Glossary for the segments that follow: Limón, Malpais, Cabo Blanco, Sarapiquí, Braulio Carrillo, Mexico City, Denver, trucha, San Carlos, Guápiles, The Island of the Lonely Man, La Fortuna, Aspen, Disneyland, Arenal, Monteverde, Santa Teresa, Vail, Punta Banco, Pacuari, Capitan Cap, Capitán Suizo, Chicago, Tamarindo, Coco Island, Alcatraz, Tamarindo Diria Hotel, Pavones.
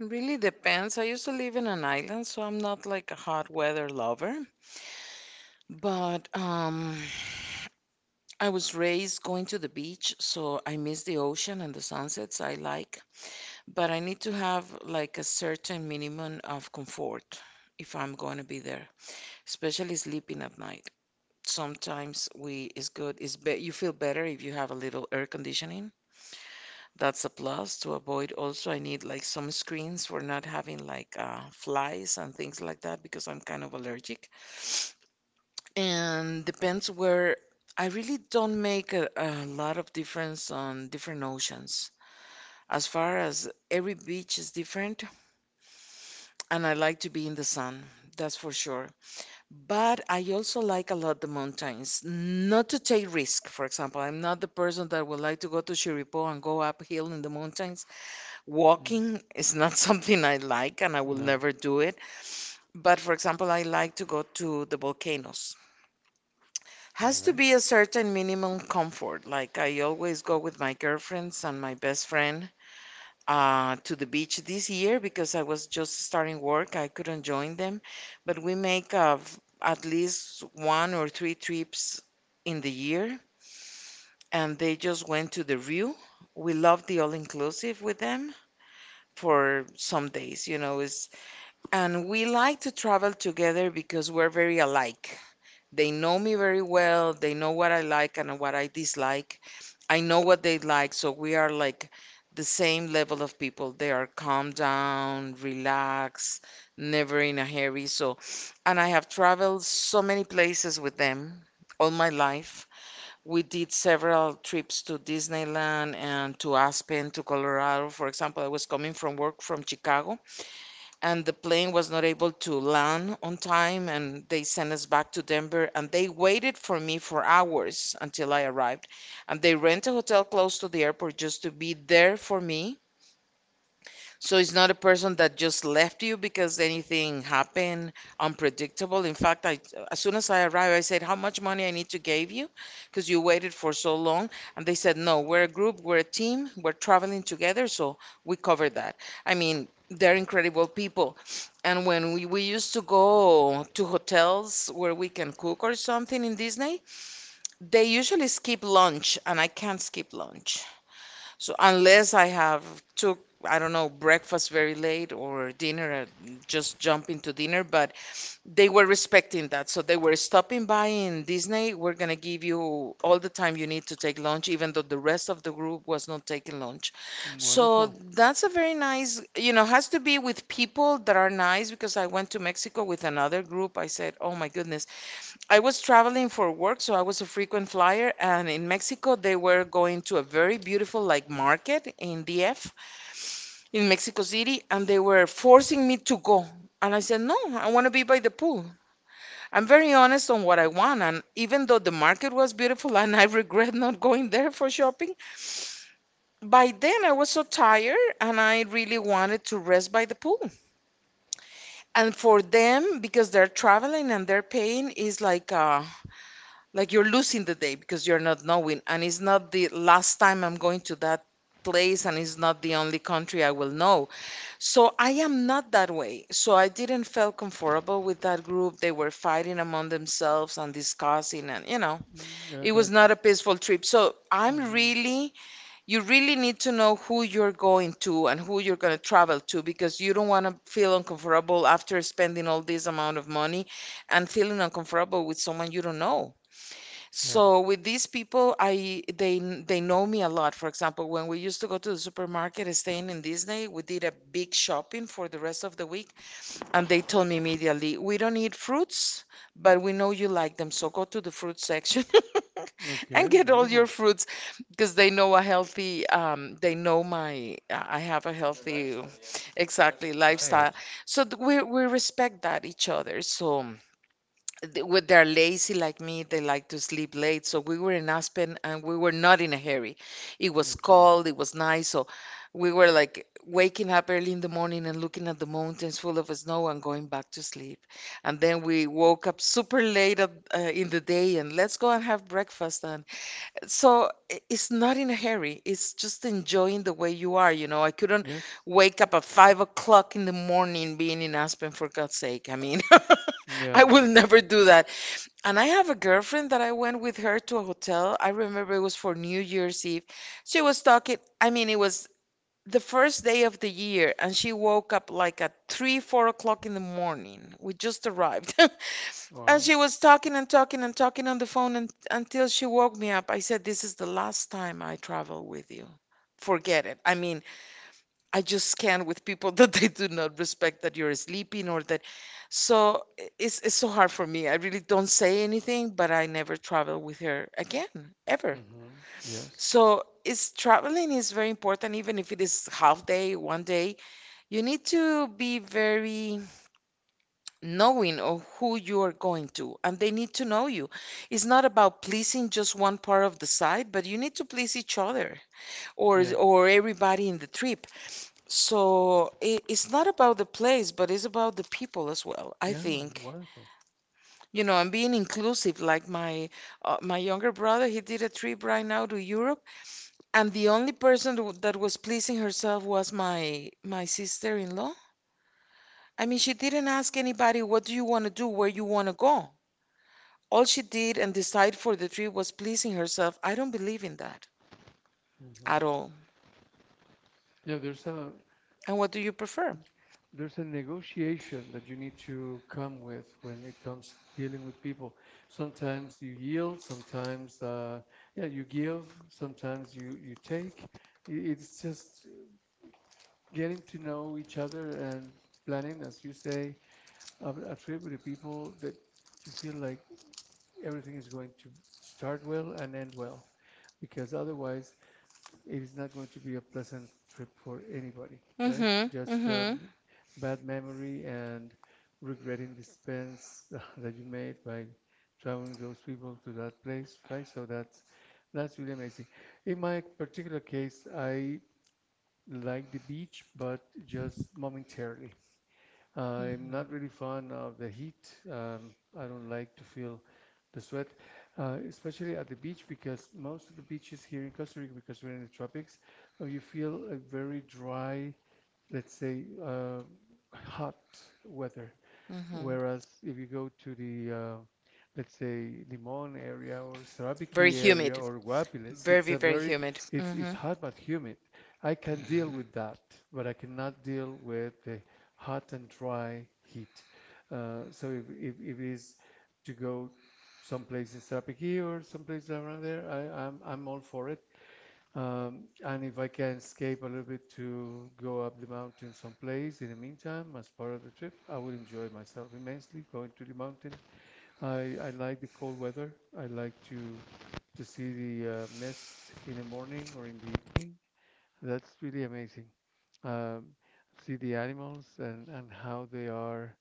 Really depends. I used to live in an island, so I'm not like a hot weather lover. But I was raised going to the beach, so I miss the ocean and the sunsets I like. But I need to have like a certain minimum of comfort if I'm going to be there, especially sleeping at night. Sometimes we is good. It's be you feel better if you have a little air conditioning. That's a plus to avoid. Also, I need like some screens for not having like flies and things like that because I'm kind of allergic. And depends where. I really don't make a lot of difference on different oceans. As far as every beach is different, and I like to be in the sun, that's for sure. But I also like a lot the mountains, not to take risk. For example, I'm not the person that would like to go to Chirripó and go uphill in the mountains. Walking is not something I like and I will never do it. But for example, I like to go to the volcanoes. Has to be a certain minimum comfort. Like I always go with my girlfriends and my best friend, to the beach this year because I was just starting work. I couldn't join them. But we make at least one or three trips in the year. And they just went to the Rio. We love the all-inclusive with them for some days. You know, it's. And we like to travel together because we're very alike. They know me very well. They know what I like and what I dislike. I know what they like. So we are like the same level of people. They are calm down, relaxed, never in a hurry. So, and I have traveled so many places with them all my life. We did several trips to Disneyland and to Aspen, to Colorado. For example, I was coming from work from Chicago and the plane was not able to land on time and they sent us back to Denver and they waited for me for hours until I arrived and they rent a hotel close to the airport just to be there for me, so it's not a person that just left you because anything happened unpredictable. In fact, I, as soon as I arrived, I said, "How much money I need to give you? Because you waited for so long," and they said, "No, we're a group, we're a team, we're traveling together, so we cover that." I mean, they're incredible people. And when we used to go to hotels where we can cook or something in Disney, they usually skip lunch, and I can't skip lunch. So unless I have took, I don't know, breakfast very late or dinner, and just jump into dinner, but they were respecting that. So they were stopping by in Disney. We're gonna give you all the time you need to take lunch, even though the rest of the group was not taking lunch. So that's a very nice, you know, has to be with people that are nice because I went to Mexico with another group. I said, oh my goodness, I was traveling for work, so I was a frequent flyer. And in Mexico, they were going to a very beautiful like market in DF in Mexico City, and they were forcing me to go. And I said, no, I want to be by the pool. I'm very honest on what I want. And even though the market was beautiful and I regret not going there for shopping, by then I was so tired and I really wanted to rest by the pool. And for them, because they're traveling and they're paying, is like you're losing the day because you're not knowing, and it's not the last time I'm going to that place and it's not the only country I will know. So I am not that way, so I didn't feel comfortable with that group. They were fighting among themselves and discussing, and, you know, it was not a peaceful trip. So I'm really, you really need to know who you're going to and who you're going to travel to because you don't want to feel uncomfortable after spending all this amount of money and feeling uncomfortable with someone you don't know. So with these people, they know me a lot. For example, when we used to go to the supermarket, staying in Disney, we did a big shopping for the rest of the week, and they told me immediately, "We don't need fruits, but we know you like them, so go to the fruit section and get all your fruits," because they know a healthy, they know my, I have a healthy, exactly lifestyle. Diet. So we respect that each other. So when they're lazy like me, they like to sleep late. So we were in Aspen and we were not in a hurry. It was hmm cold, it was nice. So we were like waking up early in the morning and looking at the mountains full of snow and going back to sleep. And then we woke up super late in the day and let's go and have breakfast. And so it's not in a hurry. It's just enjoying the way you are. You know, I couldn't Yes. wake up at 5 o'clock in the morning being in Aspen for God's sake. I mean, Yeah, I will no. never do that. And I have a girlfriend that I went with her to a hotel. I remember it was for New Year's Eve. She was talking, I mean, it was the first day of the year, and she woke up like at 3, 4 o'clock in the morning. We just arrived. And Well. she was talking and talking and talking on the phone and, until she woke me up. I said, "This is the last time I travel with you. Forget it." I mean, I just can't with people that they do not respect that you're sleeping or that. So it's so hard for me. I really don't say anything, but I never travel with her again, ever. Mm-hmm. Yes. So it's, traveling is very important, even if it is half day, one day. You need to be very knowing of who you are going to, and they need to know you. It's not about pleasing just one part of the side, but you need to please each other, Yeah. or everybody in the trip. So it's not about the place, but it's about the people as well, I Yeah. think. Wonderful. You know, I'm being inclusive. Like my, my younger brother, he did a trip right now to Europe, and the only person that was pleasing herself was my sister-in-law. I mean, she didn't ask anybody, what do you want to do, where you want to go. All she did and decide for the trip was pleasing herself. I don't believe in that at hmm all. Yeah. There's a And what do you prefer? there's a negotiation that you need to come with when it comes dealing with people. Sometimes you yield, sometimes yeah, you give, sometimes you take. It's just getting to know each other and planning, as you say, a trip with the people that you feel like everything is going to start well and end well, because otherwise it is not going to be a pleasant trip for anybody, right? Mm-hmm. Just Mm-hmm. bad memory and regretting the spends that you made by traveling those people to that place, right? So that's really amazing. In my particular case, I like the beach, but just momentarily. I'm not really fond of the heat. I don't like to feel the sweat, especially at the beach because most of the beaches here in Costa Rica, because we're in the tropics, you feel a very dry, let's say, hot weather. Whereas if you go to the, let's say, Limon area or Very Sarabiquí area humid. or Guapiles, it's Very, a very very, humid. Hmm. it's hot but humid. I can deal with that, but I cannot deal with the hot and dry heat. So if it is to go someplace in Sarapiquí or someplace around there, I'm all for it. And if I can escape a little bit to go up the mountain someplace in the meantime, as part of the trip, I would enjoy myself immensely going to the mountain. I like the cold weather. I like to see the mist in the morning or in the evening. That's really amazing. Um, see the animals and how they are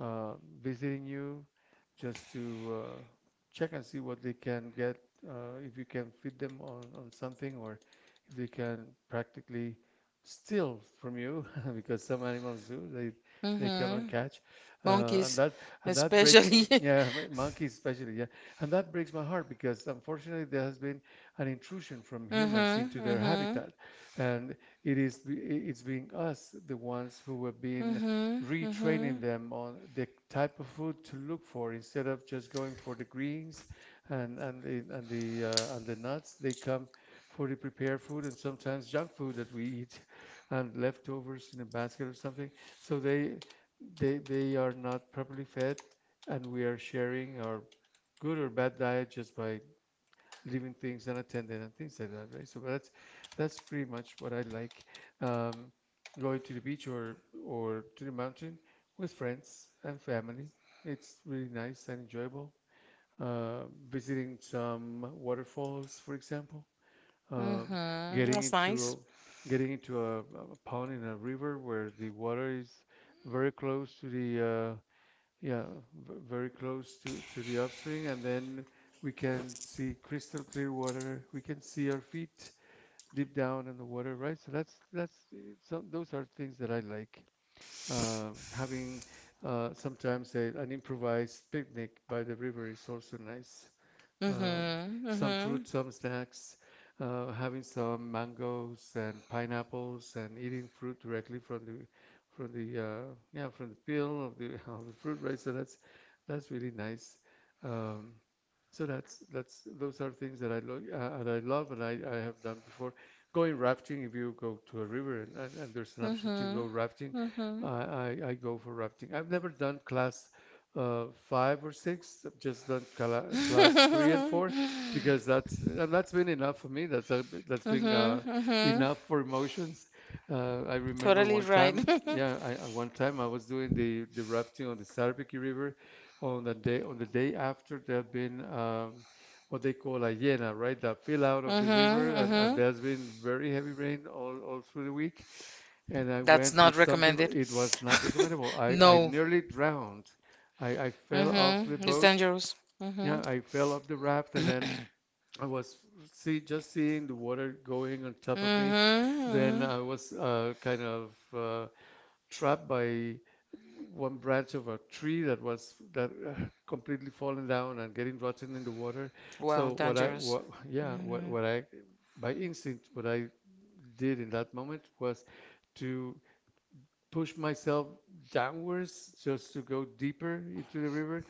uh, visiting you just to check and see what they can get, if you can feed them on something or if they can practically steal from you because some animals do, they come Hmm. and catch. Monkeys, And that breaks especially. Yeah, monkeys especially, yeah. And that breaks my heart because unfortunately there has been an intrusion from Hmm. humans into Hmm. their habitat and it is be- it's being us the ones who have been Hmm. Hmm. retraining Hmm. them on the type of food to look for instead of just going for the greens and the nuts. They come for the prepared food and sometimes junk food that we eat and leftovers in a basket or something, so they are not properly fed and we are sharing our good or bad diet just by leaving things unattended and things like that, right? So that's pretty much what I like. Um, going to the beach or to the mountain with friends and family. It's really nice and enjoyable. Uh, visiting some waterfalls, for example. Um, getting That's into nice. Getting into a pond in a river where the water is very close to the yeah, very close to the upstream, and then we can see crystal clear water. We can see our feet deep down in the water, right? So that's some, those are things that I like. Um, having sometimes an improvised picnic by the river is also nice, Hmm. uh, some Hmm. fruit, some snacks, having some mangoes and pineapples, and eating fruit directly from the yeah from the peel of the of the fruit, right? So that's really nice. Um, so that's those are things that that I love and I have done before. Going rafting, if you go to a river and, and there's an option to Hmm. go rafting, Hmm. I go for rafting. I've never done class five or six. I've just done class three and four because that's been enough for me. That's been enough for emotions. I remember one time, yeah, I one time I was doing the rafting on the Sarbiki River on the day after there had been. What they call a yena, right? The fill out of the river, and there's been very heavy rain all through the week, and I went with some people. It was not recommendable. I nearly drowned. I fell off the boat. Dangerous. Yeah. Mm-hmm. Yeah, I fell off the raft and then I was see just seeing the water going on top of me. Then Mm-hmm. I was kind of trapped by one branch of a tree that was that completely fallen down and getting rotten in the water. Wow, So what I dangerous. what yeah Hmm. what I by instinct what I did in that moment was to push myself downwards just to go deeper into the river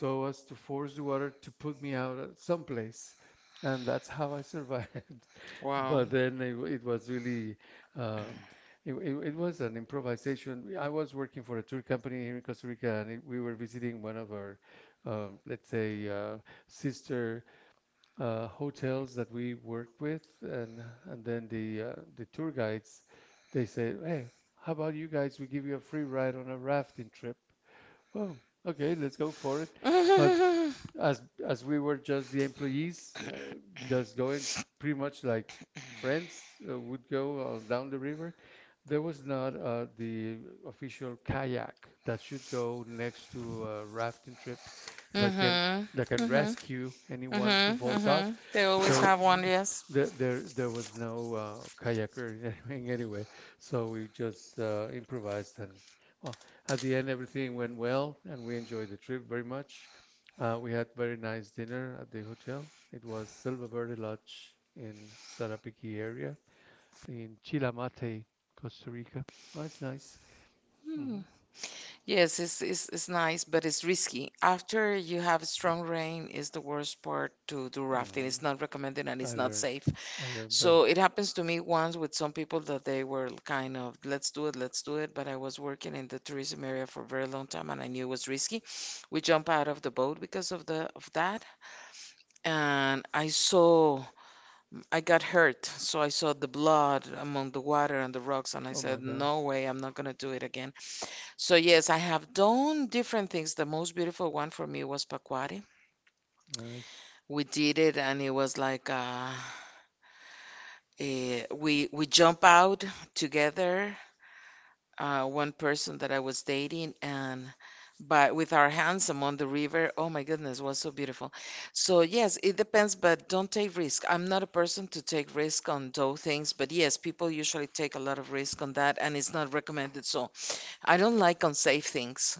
so as to force the water to put me out at someplace. And that's how I survived. I, wow. But then it was really, um, it was an improvisation. I was working for a tour company here in Costa Rica, and it, we were visiting one of our, let's say, sister hotels that we worked with, and then the tour guides, they said, "Hey, how about you guys? We give you a free ride on a rafting trip." Oh, okay, let's go for it. But Fun. as as we were just the employees, just going pretty much like friends would go on down the river, there was not the official kayak that should go next to a rafting trip that can Mm-hmm. that can Mm-hmm. Mm-hmm. rescue anyone who Mm-hmm. falls Mm-hmm. off. They always So have one, yes. there there was no kayaker in anyway. So we just improvised and well, at the end everything went well and we enjoyed the trip very much, we had very nice dinner at the hotel. It was Silva Verde Lodge in Sarapiquí area in Chilamate, Costa Rica. Oh, it's nice. Hmm. hmm Yes, it's nice, but it's risky. After you have strong rain, is the worst part to do rafting. hmm It's not recommended and I it's not learned, safe. I learned by, So it happens to me once with some people that they were kind of, let's do it, let's do it. But I was working in the tourism area for a very long time and I knew it was risky. We jumped out of the boat because of that. And I saw, I got hurt. So I saw the blood among the water and the rocks and I oh my said, God, "No way, I'm not gonna do it again." So yes, I have done different things. The most beautiful one for me was Pacuari. nice. We did it and it was like we jump out together, one person that I was dating, and but with our hands among the river, oh my goodness, was so beautiful. So yes, it depends, but don't take risk. I'm not a person to take risk on those things, but yes, people usually take a lot of risk on that, and it's not recommended. So I don't like unsafe things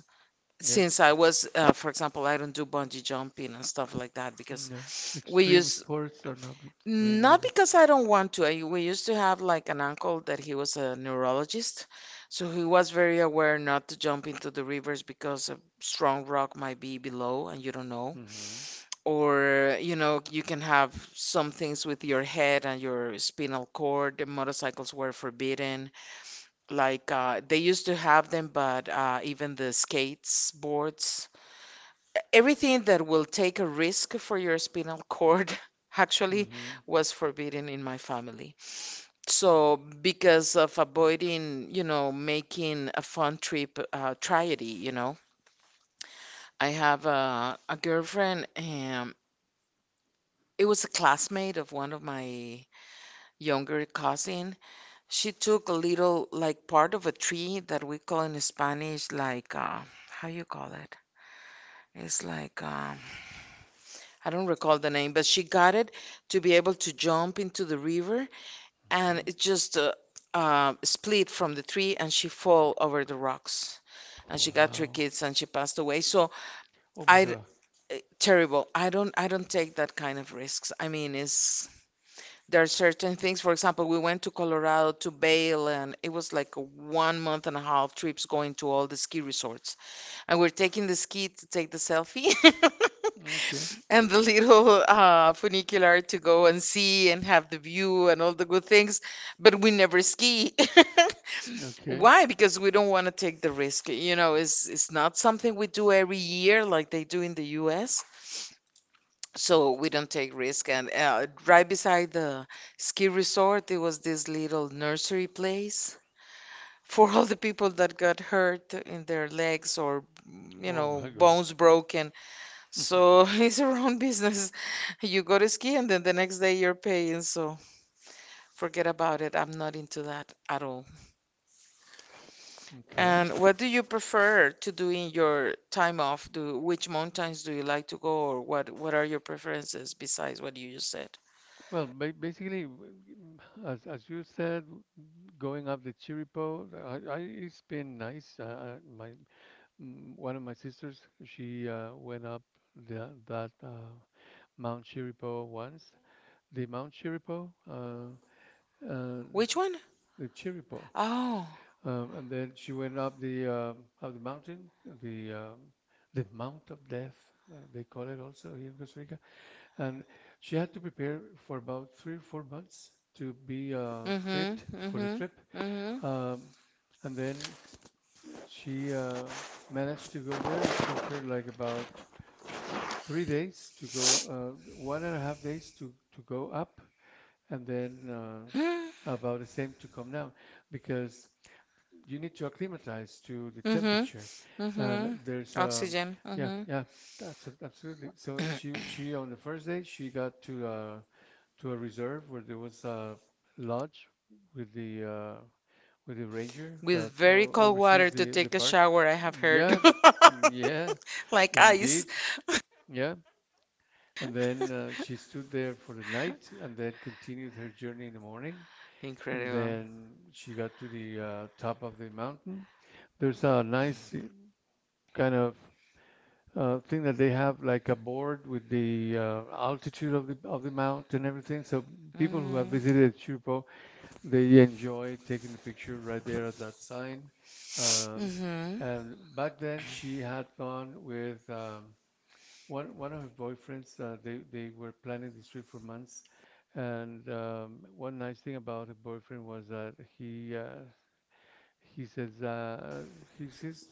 since Yes. I was, for example, I don't do bungee jumping and stuff like that because No. we Extreme use, sports are not for me not neither. because I don't want to. I, we used to have like an uncle that he was a neurologist, so he was very aware not to jump into the rivers because a strong rock might be below and you don't know. Mm-hmm. Or, you know, you can have some things with your head and your spinal cord. The motorcycles were forbidden. Like they used to have them, but even the skates boards, everything that will take a risk for your spinal cord actually Mm-hmm. was forbidden in my family. So, because of avoiding, you know, making a fun trip tragedy, you know, I have a girlfriend, and it was a classmate of one of my younger cousin. She took a little, like, part of a tree that we call in Spanish, like, how you call it? It's like, I don't recall the name, but she got it to be able to jump into the river, and Mm-hmm. it just split from the tree, and she fall over the rocks, and she got three Wow. kids, and she passed away. So Oh my I terrible. I don't take that kind of risks. I mean, it's there are certain things. For example, we went to Colorado to Vail, and it was like a 1 month and a half trips going to all the ski resorts and we're taking the ski to take the selfie God. and the little funicular to go and see and have the view and all the good things, but we never ski. Okay. Why? Because we don't want to take the risk. You know, it's not something we do every year like they do in the U.S. So we don't take risk. And right beside the ski resort, there was this little nursery place for all the people that got hurt in their legs or, you Oh, know, so my bones broken, so it's your own business, you go to ski and then the next day you're paying, so forget about it, I'm not into that at all. okay. And what do you prefer to do in your time off do, which mountains do you like to go, or what are your preferences besides what you just said? You do? Well, ba basically, as you said, going up the Chirripó, I it's been nice. My Mm, one of my sisters, she went up that Mount Chiripo once. The Mount Chiripo, uh, uh, Which one? the Chiripo, Oh. And then she went up the mountain, the um, the Mount of Death, they call it also here in Costa Rica. And she had to prepare for about 3 or 4 months to be Mm-hmm. fit for the trip. Mm-hmm. Um, and then she managed to go there. It took her like about 3 days to go, 1.5 days to go up, and then Mm-hmm. about the same to come down, because you need to acclimatize to the temperature. Mm-hmm. And Mm-hmm. there's Oxygen. yeah, Mm-hmm. yeah, absolutely. So she on the first day she got to a reserve where there was a lodge with the uh with the ranger With that very cold water oversees to the take a park. shower, I have heard. Yeah, yeah, Like indeed, ice. yeah. And then she stood there for the night and then continued her journey in the morning. And Incredible. then she got to the top of the mountain. There's a nice kind of thing that they have, like a board with the altitude of the mountain and everything. So people who have Mm-hmm. visited Chirpo, they enjoy taking the picture right there at that sign. Um, and back then, she had gone with one of her boyfriends, they were planning this trip for months, and one nice thing about her boyfriend was that he says he he's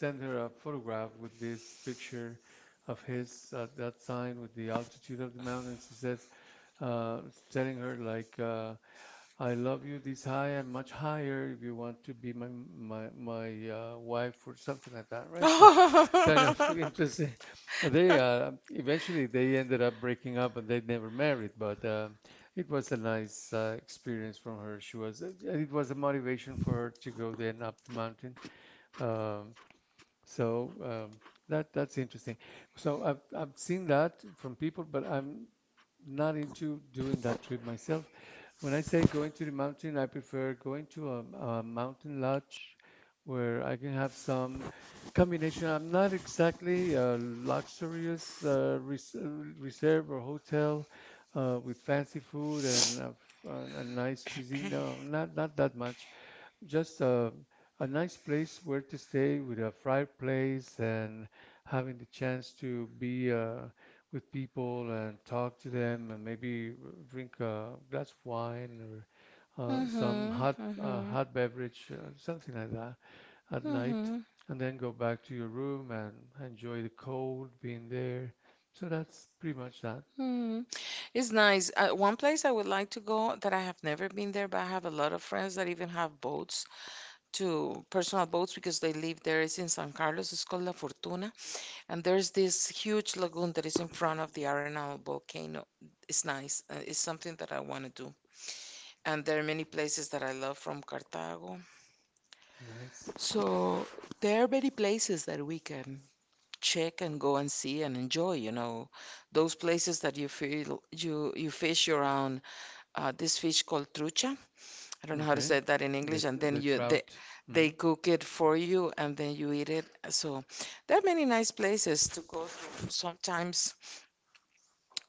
sent her a photograph with this picture of his at that sign with the altitude of the mountains. He says uh, telling her like I love you this high and much higher if you want to be my wife or something like that, right? So, kind of Mm-hmm. interesting. They eventually they ended up breaking up and they never married, but it was a nice experience from her. She was it was a motivation for her to go then up the mountain. Um, so um, that that's interesting. So I've seen that from people, but I'm not into doing that trip myself. When I say going to the mountain, I prefer going to a mountain lodge where I can have some combination. I'm not exactly a luxurious reserve or hotel with fancy food and a nice cuisine. No, not that much, just a nice place where to stay with a fireplace and having the chance to be with people and talk to them and maybe drink a glass of wine or some Mm-hmm. hot Mm-hmm. hot beverage, something like that at night, Mm-hmm. and then go back to your room and enjoy the cold being there. So that's pretty much that. Mm-hmm. It's nice. One place I would like to go that I have never been there, but I have a lot of friends that even have boats, to personal boats because they live there. It's in San Carlos. It's called La Fortuna. And there's this huge lagoon that is in front of the Arenal volcano. It's nice. It's something that I want to do. And there are many places that I love from Cartago. Nice. So there are many places that we can check and go and see and enjoy, you know, those places that you feel you fish around, this fish called trucha. I don't know how to Okay. Okay. say that in English, The and then the you trout. they Mhm. cook it for you and then you eat it. So there are many nice places to go to. Sometimes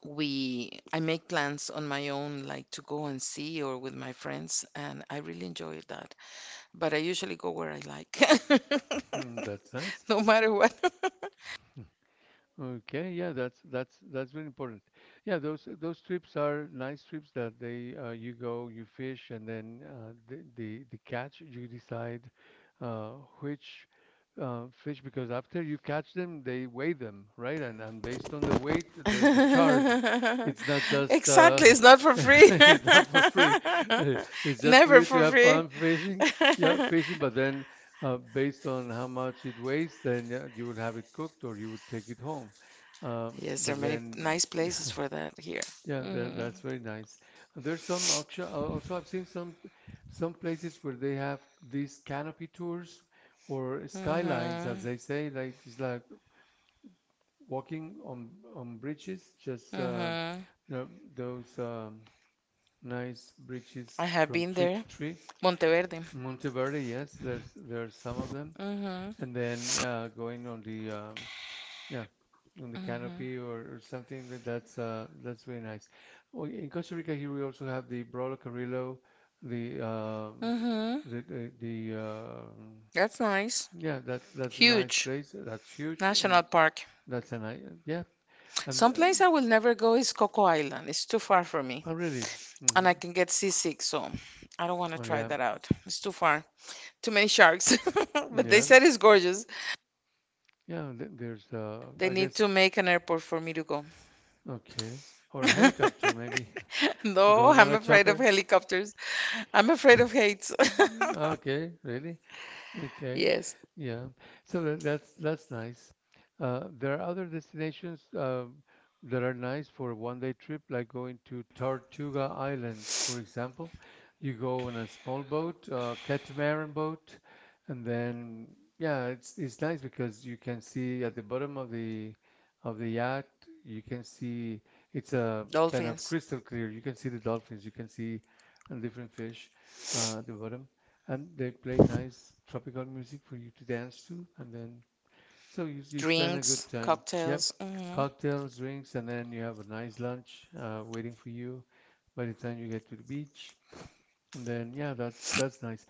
we I make plans on my own like to go and see, or with my friends, and I really enjoy that, but I usually go where I like. Mm, that's nice. No matter what. Okay, yeah, that's very important. Yeah, those trips are nice trips that they you go, you fish, and then the catch you decide uh, which fish, because after you catch them, they weigh them, right? And based on the weight, there's a charge. It's not Exactly, just it's not for free. it's not for free. It's just for Never you to for have free. fun fishing, yeah, fishing. But then based on how much it weighs, then yeah, you would have it cooked or you would take it home. Yes, there are But many then, nice places for that here. yeah, Hmm. that's very nice. There's some auction, also I've seen some places where they have these canopy tours or skylines, as Hmm. they say, like it's like walking on bridges, just Hmm. you know, those nice bridges I have from been tree there. to tree. Monteverde. Monteverde, yes, there's some of them. Hmm. And then yeah, going on the yeah, on the canopy, or Hmm. something that that's very nice. Oh, in Costa Rica here we also have the Brolo Carrillo, the Hmm. the the, the um That's nice. yeah that's a nice Huge. place. That's huge and National Park. that's a nice, yeah, and Some place I will never go is Coco Island. It's too far for me, oh really? Mm-hmm. and I can get seasick, so I don't want to Oh try yeah that out. It's too far. Too many sharks. But they yeah. said it's gorgeous. Yeah, there's uh, They I guess. need to make an airport for me to go. Okay, or a helicopter maybe. No, Going on I'm a afraid of chopper. helicopters. I'm afraid of heights. Ah, okay, really? Okay. Yes, Yeah. So that, that's nice. There are other destinations that are nice for a one-day trip, like going to Tortuga Island, for example. You go on a small boat, catamaran boat, and then yeah, it's nice because you can see at the bottom of the yacht, you can see it's a kind of dolphins, crystal clear. You can see the dolphins, you can see different fish at the bottom, and they play nice tropical music for you to dance to, and then so you spend a good drinks, time, yeah, cocktails. cocktails, drinks, and then you have a nice lunch waiting for you by the time you get to the beach. And then yeah, that's nice.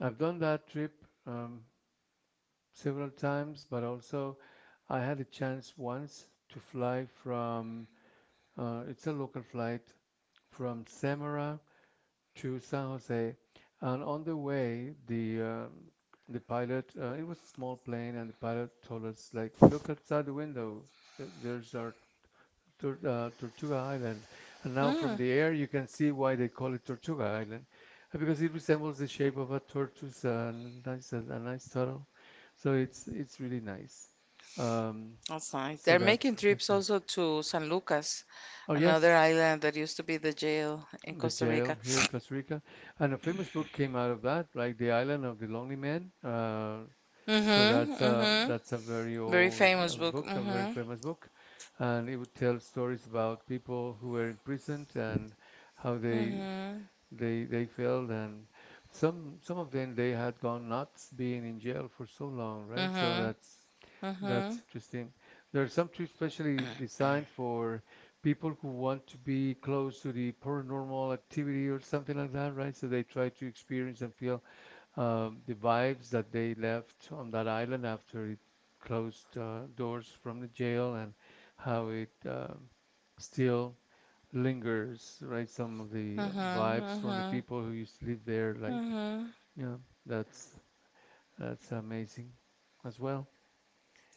I've done that trip, um, several times, but also I had a chance once to fly from it's a local flight, from Samara to San Jose, and on the way, the pilot, it was a small plane, and the pilot told us like, look outside the window, there's our Tortuga Island, and now from Hmm. the air you can see why they call it Tortuga Island, because it resembles the shape of a tortoise, a nice nice turtle, so it's really nice. Um, That's nice. so They're making trips that's nice. also to San Lucas, Oh another yes, island that used to be the jail in the Costa jail Rica. here in Costa Rica, and a famous book came out of that, like The Island of the Lonely Man. So Mm-hmm, that's a very mm-hmm. Very old famous book. book, a very Mm-hmm, famous book, and it would tell stories about people who were imprisoned and how they mm-hmm, they failed, and some of them they had gone nuts being in jail for so long, right? So mm-hmm, that's mm-hmm, interesting. There are some trips specially designed for people who want to be close to the paranormal activity or something like that, right? So they try to experience and feel the vibes that they left on that island after it closed doors from the jail, and how it still lingers, right? Some of the vibes from the mm-hmm, people who used to live there, like, mm-hmm. yeah, that's that's amazing as well.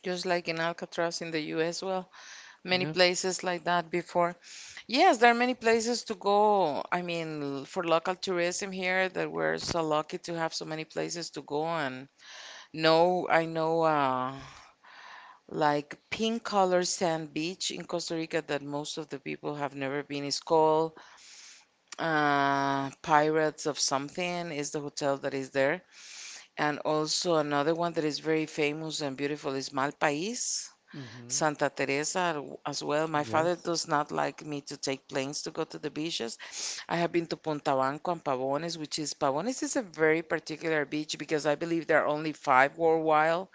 Just like in Alcatraz in the U.S. well. Many Yeah. places like that before. Yes, there are many places to go. I mean, for local tourism here, that we're so lucky to have so many places to go. And no, I know like pink color sand beach in Costa Rica that most of the people have never been. It's called Pirates of Something, is the hotel that is there. And also another one that is very famous and beautiful is Malpais. Mm-hmm. Santa Teresa as well. My father Yes. does not like me to take planes to go to the beaches. I have been to Punta Banco and Pavones, which is Pavones is a very particular beach because I believe there are only five worldwide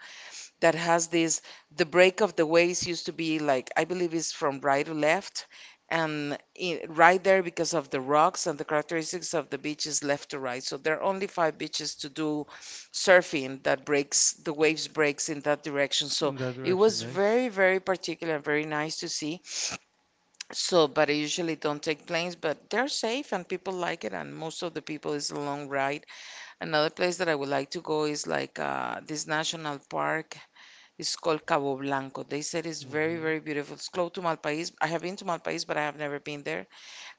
that has this. The break of the waves used to be like, I believe it's from right to left, and I right there because of the rocks and the characteristics of the beach is left to right. So there are only five beaches to do surfing that breaks, the waves breaks in that direction. So In that it direction, was nice. very, very particular, very nice to see. So, but I usually don't take planes, but they're safe and people like it, and most of the people is a long ride. Another place that I would like to go is like this national park. It's called Cabo Blanco. They said it's very, Mm-hmm. very beautiful. It's close to Malpaís. I have been to Malpaís, but I have never been there.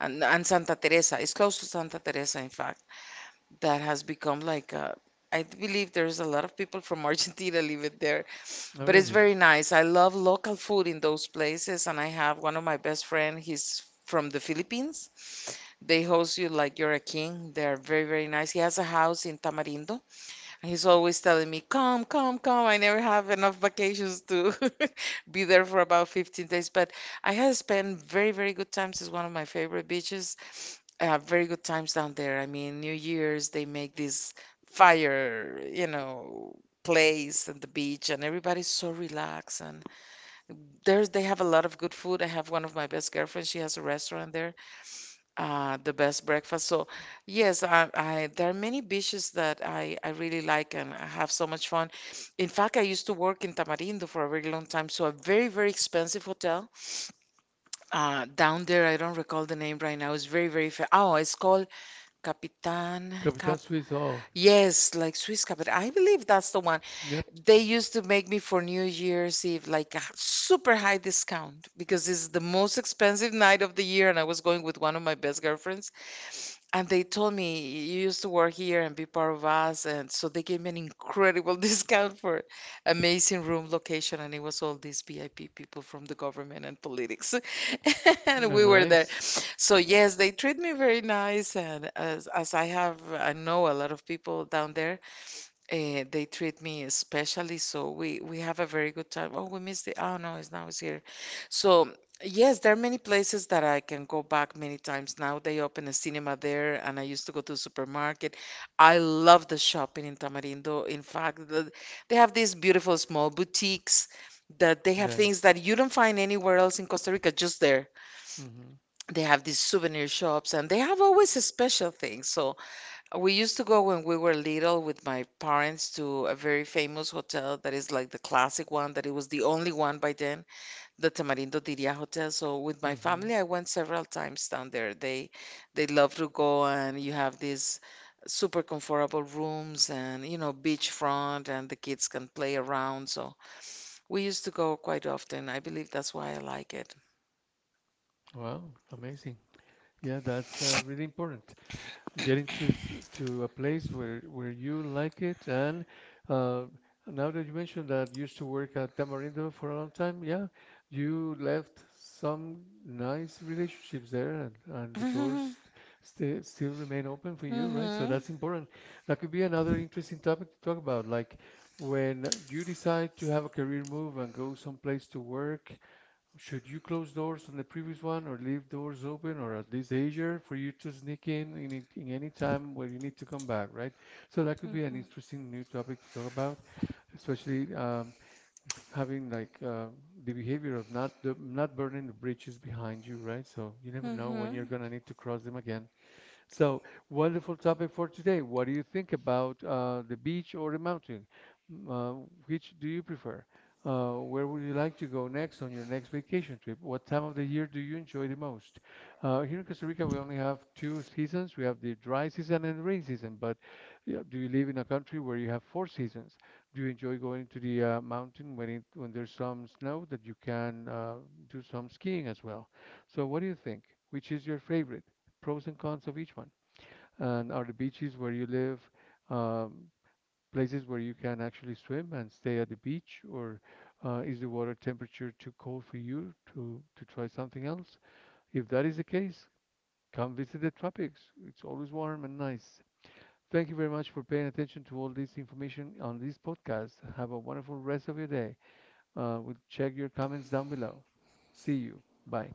And Santa Teresa. It's close to Santa Teresa, in fact. That has become like a, I believe there's a lot of people from Argentina living there. Oh, But it's really? very nice. I love local food in those places, and I have one of my best friend. He's from the Philippines. They host you like you're a king. They are very, very nice. He has a house in Tamarindo. He's always telling me, come, come, come. I never have enough vacations to be there for about 15 days. But I have spent very, very good times. It's one of my favorite beaches. Very good times down there. I mean, New Year's, they make this fire, you know, place and the beach, and everybody's so relaxed. And there's, they have a lot of good food. I have one of my best girlfriends. She has a restaurant there. The best breakfast. So, yes, I there are many beaches that I really like and I have so much fun. In fact, I used to work in Tamarindo for a very long time, so a very, very expensive hotel down there. I don't recall the name right now. It's very, very fa Oh, it's called Capitan Cap. Capitan Suisse. Oh, Yes, like Swiss Capitan. I believe that's the one. yep. They used to make me for New Year's Eve like a super high discount because it's the most expensive night of the year, and I was going with one of my best girlfriends. And they told me you used to work here and be part of us. And so they gave me an incredible discount for amazing room location. And it was all these VIP people from the government and politics. And Yeah, we were there. nice. Yes. So, yes, they treat me very nice. And as I have, I know a lot of people down there, they treat me especially, so we have a very good time. Oh, we missed the. Oh no, it's now it's here. So yes, there are many places that I can go back many times now. They open a cinema there, and I used to go to the supermarket. I love the shopping in Tamarindo. In fact, the, they have these beautiful small boutiques that they have things Nice. that you don't find anywhere else in Costa Rica, just there. Mm-hmm. They have these souvenir shops, and they have always a special thing. So. We used to go when we were little with my parents to a very famous hotel that is like the classic one, that it was the only one by then, the Tamarindo Diria Hotel. So with my Mm-hmm. family, I went several times down there. They love to go and you have these super comfortable rooms and you know beachfront and the kids can play around. So we used to go quite often. I believe that's why I like it. Wow, amazing. Yeah, that's really important. Getting to to a place where you like it, and uh, now that you mentioned that you used to work at Tamarindo for a long time, yeah, you left some nice relationships there, and the doors still still remain open for Mhm. you, right? So that's Mhm. important. That could be another interesting topic to talk about, like when you decide to have a career move and go someplace to work, should you close doors on the previous one or leave doors open, or at least Azure for you to sneak in in any time where you need to come back, right? So that could be an Mhm. interesting new topic to talk about, especially having like the behavior of not not burning the bridges behind you, right? So you never know when you're gonna need to cross them again. So, wonderful topic for today. What do you think about the beach or the mountain? M- Uh, which do you prefer? Where would you like to go next on your next vacation trip? What time of the year do you enjoy the most? Here in Costa Rica, we only have two seasons. We have the dry season and the rain season. But yeah, do you live in a country where you have four seasons? Do you enjoy going to the mountain when it, when there's some snow that you can do some skiing as well? So, what do you think? Which is your favorite? Pros and cons of each one. And are the beaches where you live um, places where you can actually swim and stay at the beach, or is the water temperature too cold for you to try something else? If that is the case, come visit the tropics. It's always warm and nice. Thank you very much for paying attention to all this information on this podcast. Have a wonderful rest of your day. We'll check your comments down below. See you. Bye.